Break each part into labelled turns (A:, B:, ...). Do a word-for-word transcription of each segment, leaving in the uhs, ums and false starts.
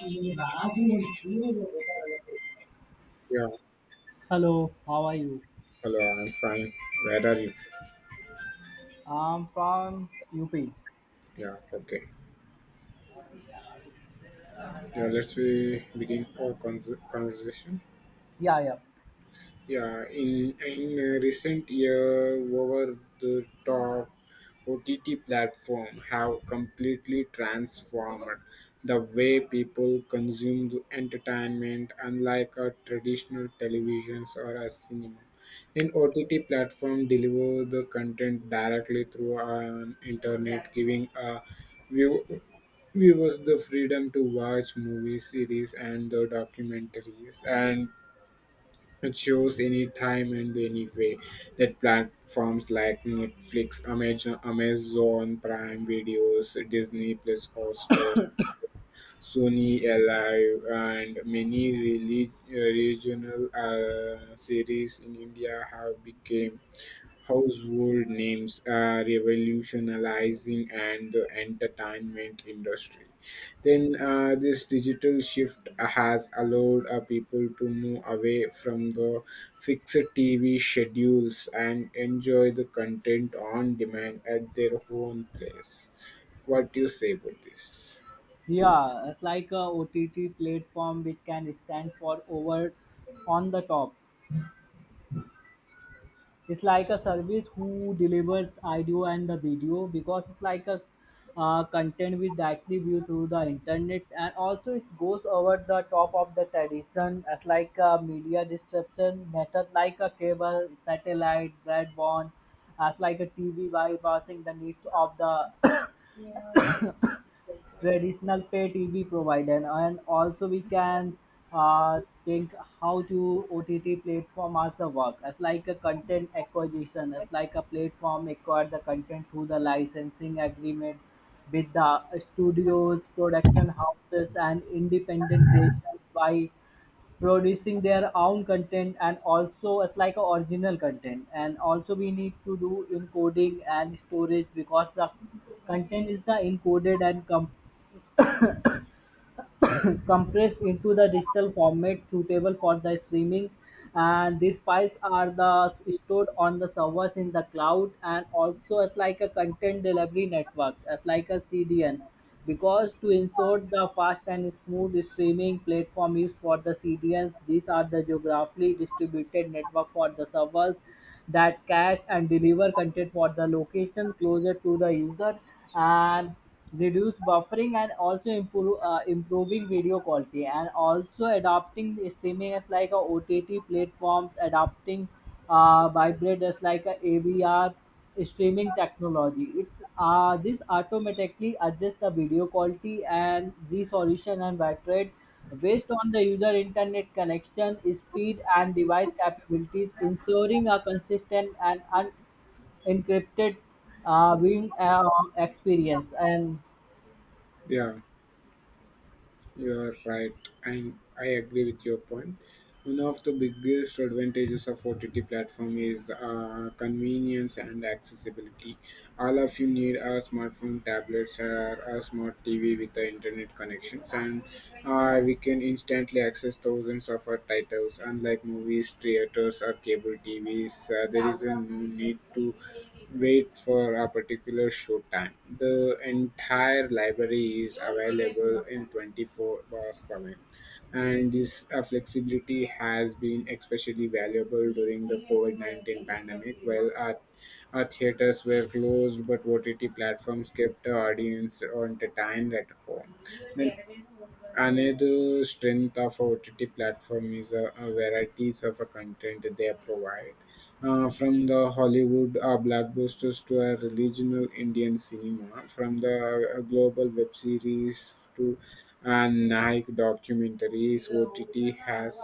A: Yeah,
B: Hello, how are you?
A: hello, I'm fine. Where are you? From?
B: I'm from U P.
A: Yeah, okay. Yeah, let's we begin our cons- conversation.
B: Yeah, yeah.
A: Yeah, in in uh, recent year, over the top O T T platform have completely transformed the way people consume the entertainment, unlike a traditional televisions or a cinema. Then O T T platform deliver the content directly through an internet, giving a view viewers the freedom to watch movies, series, and the documentaries, and it shows any time and any way that platforms like Netflix, Amazon, Amazon Prime Videos, Disney Plus, or stores. Sony Alive, and many relig- regional uh, series in India have become household names, uh, revolutionizing and the entertainment industry. Then uh, this digital shift has allowed uh, people to move away from the fixed T V schedules and enjoy the content on demand at their own place. What do you say about this?
B: Yeah, it's like a O T T platform which can stand for over on the top. It's like a service who delivers audio and the video because it's like a uh, content with directly view through the internet, and also it goes over the top of the tradition as like a media distribution method like a cable, satellite, broadband, as like a T V bypassing the needs of the traditional pay T V provider. And also we can uh, think how to O T T platform as the work as like a content acquisition, as like a platform acquire the content through the licensing agreement with the studios, production houses, and independent creations by producing their own content, and also as like a original content. And also we need to do encoding and storage, because the content is the encoded and com- compressed into the digital format suitable for the streaming. And these files are the stored on the servers in the cloud, and also as like a content delivery network, as like a C D N. Because to ensure the fast and smooth streaming platform used for the C D Ns, these are the geographically distributed network for the servers that cache and deliver content for the location closer to the user and reduce buffering, and also improve uh, improving video quality, and also adopting the streaming as like a ott platforms adopting uh vibrate as like a avr streaming technology. It's uh, this automatically adjusts the video quality and resolution and bitrate based on the user internet connection, speed, and device capabilities, ensuring a consistent and unencrypted uh, viewing uh, experience. And
A: Yeah. You are right, and I agree with your point. One of the biggest advantages of O T T platform is uh, convenience and accessibility. All of you need a smartphone, tablets, or a smart T V with the internet connections, and uh, we can instantly access thousands of our titles. Unlike movies, theaters, or cable T Vs, uh, there is a no need to wait for a particular show time. The entire library is available in twenty four seven, and this uh, flexibility has been especially valuable during the COVID nineteen pandemic. While our, our theaters were closed, but O T T platforms kept the audience entertained at home. Then another strength of O T T platform is a, a varieties of a content they provide. Uh, from the Hollywood uh, blockbusters to a regional Indian cinema, from the uh, global web series to uh, Nike documentaries, O T T has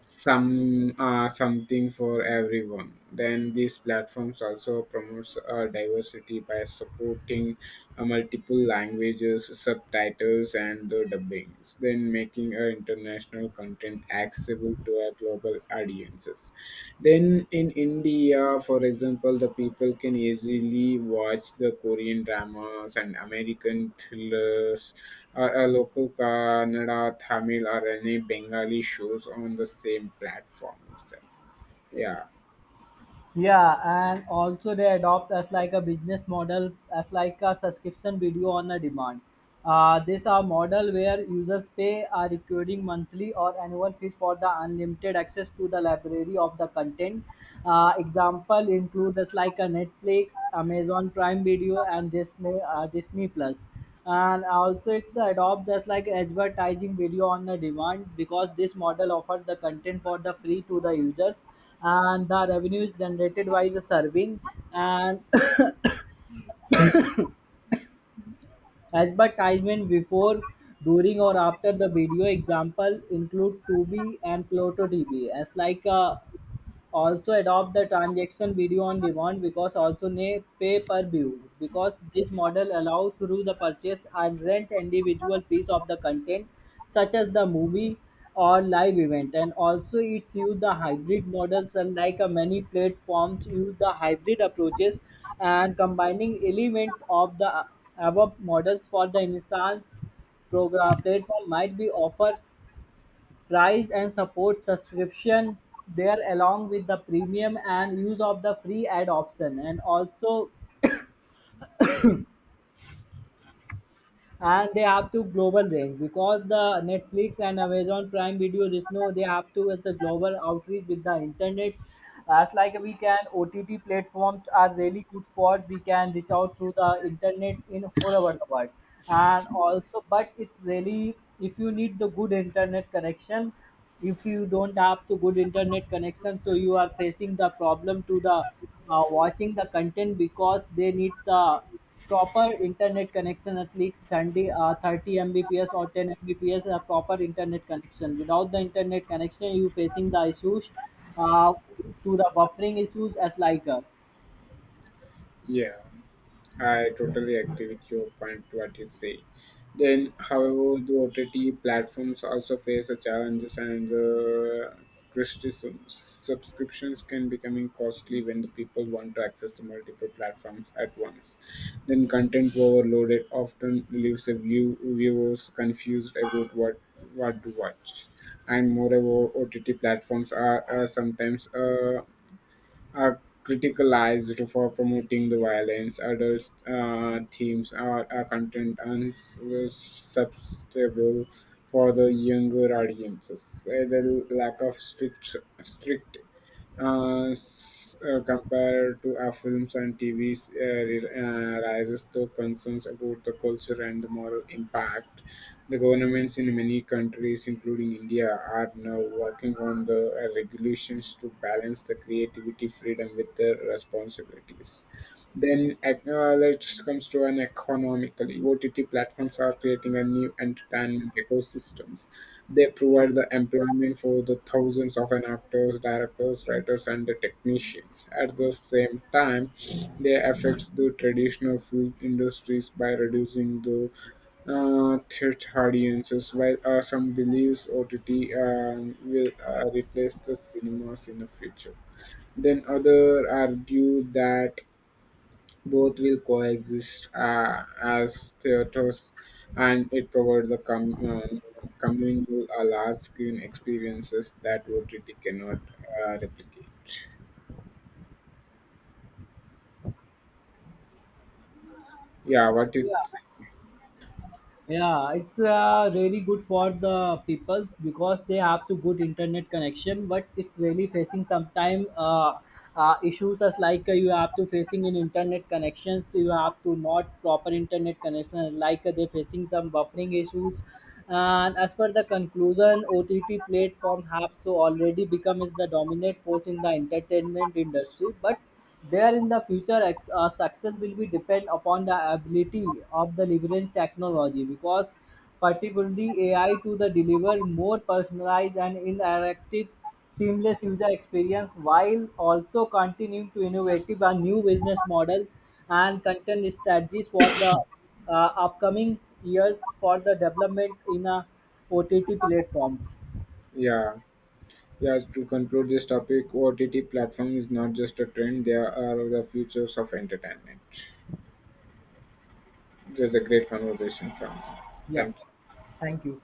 A: some uh, something for everyone. Then these platforms also promotes uh, diversity by supporting uh, multiple languages, subtitles, and the dubbings. Then making uh, international content accessible to our global audiences. Then in India, for example, the people can easily watch the Korean dramas and American thrillers, or a local Kannada, Tamil, or any Bengali shows on the same platform itself. Yeah,
B: yeah, and also they adopt as like a business model, as like a subscription video on a demand. Uh, these are model where users pay a recurring monthly or annual fees for the unlimited access to the library of the content. Uh, example includes as like a Netflix, Amazon Prime Video, and Disney uh, Disney Plus, and also it's adopt just like advertising video on the demand, because this model offers the content for the free to the users, and the revenue is generated by the serving and advertisement before, during, or after the video. Example include Tubi and pluto tv as like uh, also adopt the transaction video on demand, because also ne pay per view, because this model allows through the purchase and rent individual piece of the content such as the movie or live event. And also it use the hybrid models, unlike a many platforms use the hybrid approaches and combining element of the above models. For the instance, program platform might be offer price and support subscription there along with the premium and use of the free ad option. And also, and they have to global range, because the netflix and amazon prime video just know they have to with the global outreach with the internet, as like we can ott platforms are really good for we can reach out through the internet in all over the world. And also, but it's really if you need the good internet connection. If you don't have the good internet connection, so you are facing the problem to the uh, watching the content, because they need the proper internet connection at least thirty, uh, thirty Mbps or ten Mbps a proper internet connection. Without the internet connection, you facing the issues uh, to the buffering issues as like uh,
A: yeah. I totally agree with your point what you say. Then, however, the O T T platforms also face the challenges and the criticism. Subscriptions can becoming costly when the people want to access the multiple platforms at once. Then, content overloaded often leaves the view, viewers confused about what what to watch. And moreover, O T T platforms are uh, sometimes uh, are criticized for promoting the violence, adult uh, themes are, are content unsuitable for the younger audiences. Uh, The lack of strict strict uh, s- uh, compared to our films and T Vs, uh, re- uh, rises the concerns about the culture and the moral impact. The governments in many countries, including India, are now working on the uh, regulations to balance the creativity freedom with the responsibilities. Then ec- uh, let's comes to an economically. O T T platforms are creating a new entertainment ecosystems they provide the employment for the thousands of an actors, directors, writers, and the technicians. At the same time, they affect the traditional film industries by reducing the uh, theatre audiences, while uh, some believes O T T um, will uh, replace the cinemas in the future. Then other argue that both will coexist uh, as theaters, and it provides the com- uh, communal uh, large screen experiences that O T T cannot uh, replicate. Yeah, what it,
B: yeah. Yeah, it's uh, really good for the peoples because they have to good internet connection, but it's really facing sometime uh, uh, issues as like uh, you have to facing in internet connections, you have to not proper internet connection, like uh, they facing some buffering issues. And as per the conclusion, O T T platform have so already become is the dominant force in the entertainment industry, but there in the future ex- uh, success will be depend upon the ability of the leverage technology, because particularly A I to the deliver more personalized and interactive seamless user experience, while also continuing to innovate a new business model and content strategies for the uh, upcoming years for the development in a O T T platforms.
A: yeah. Yeah, to conclude this topic, O T T platform is not just a trend, they are the futures of entertainment. There's a great conversation from you.
B: Yeah,
A: Thank you.
B: thank you.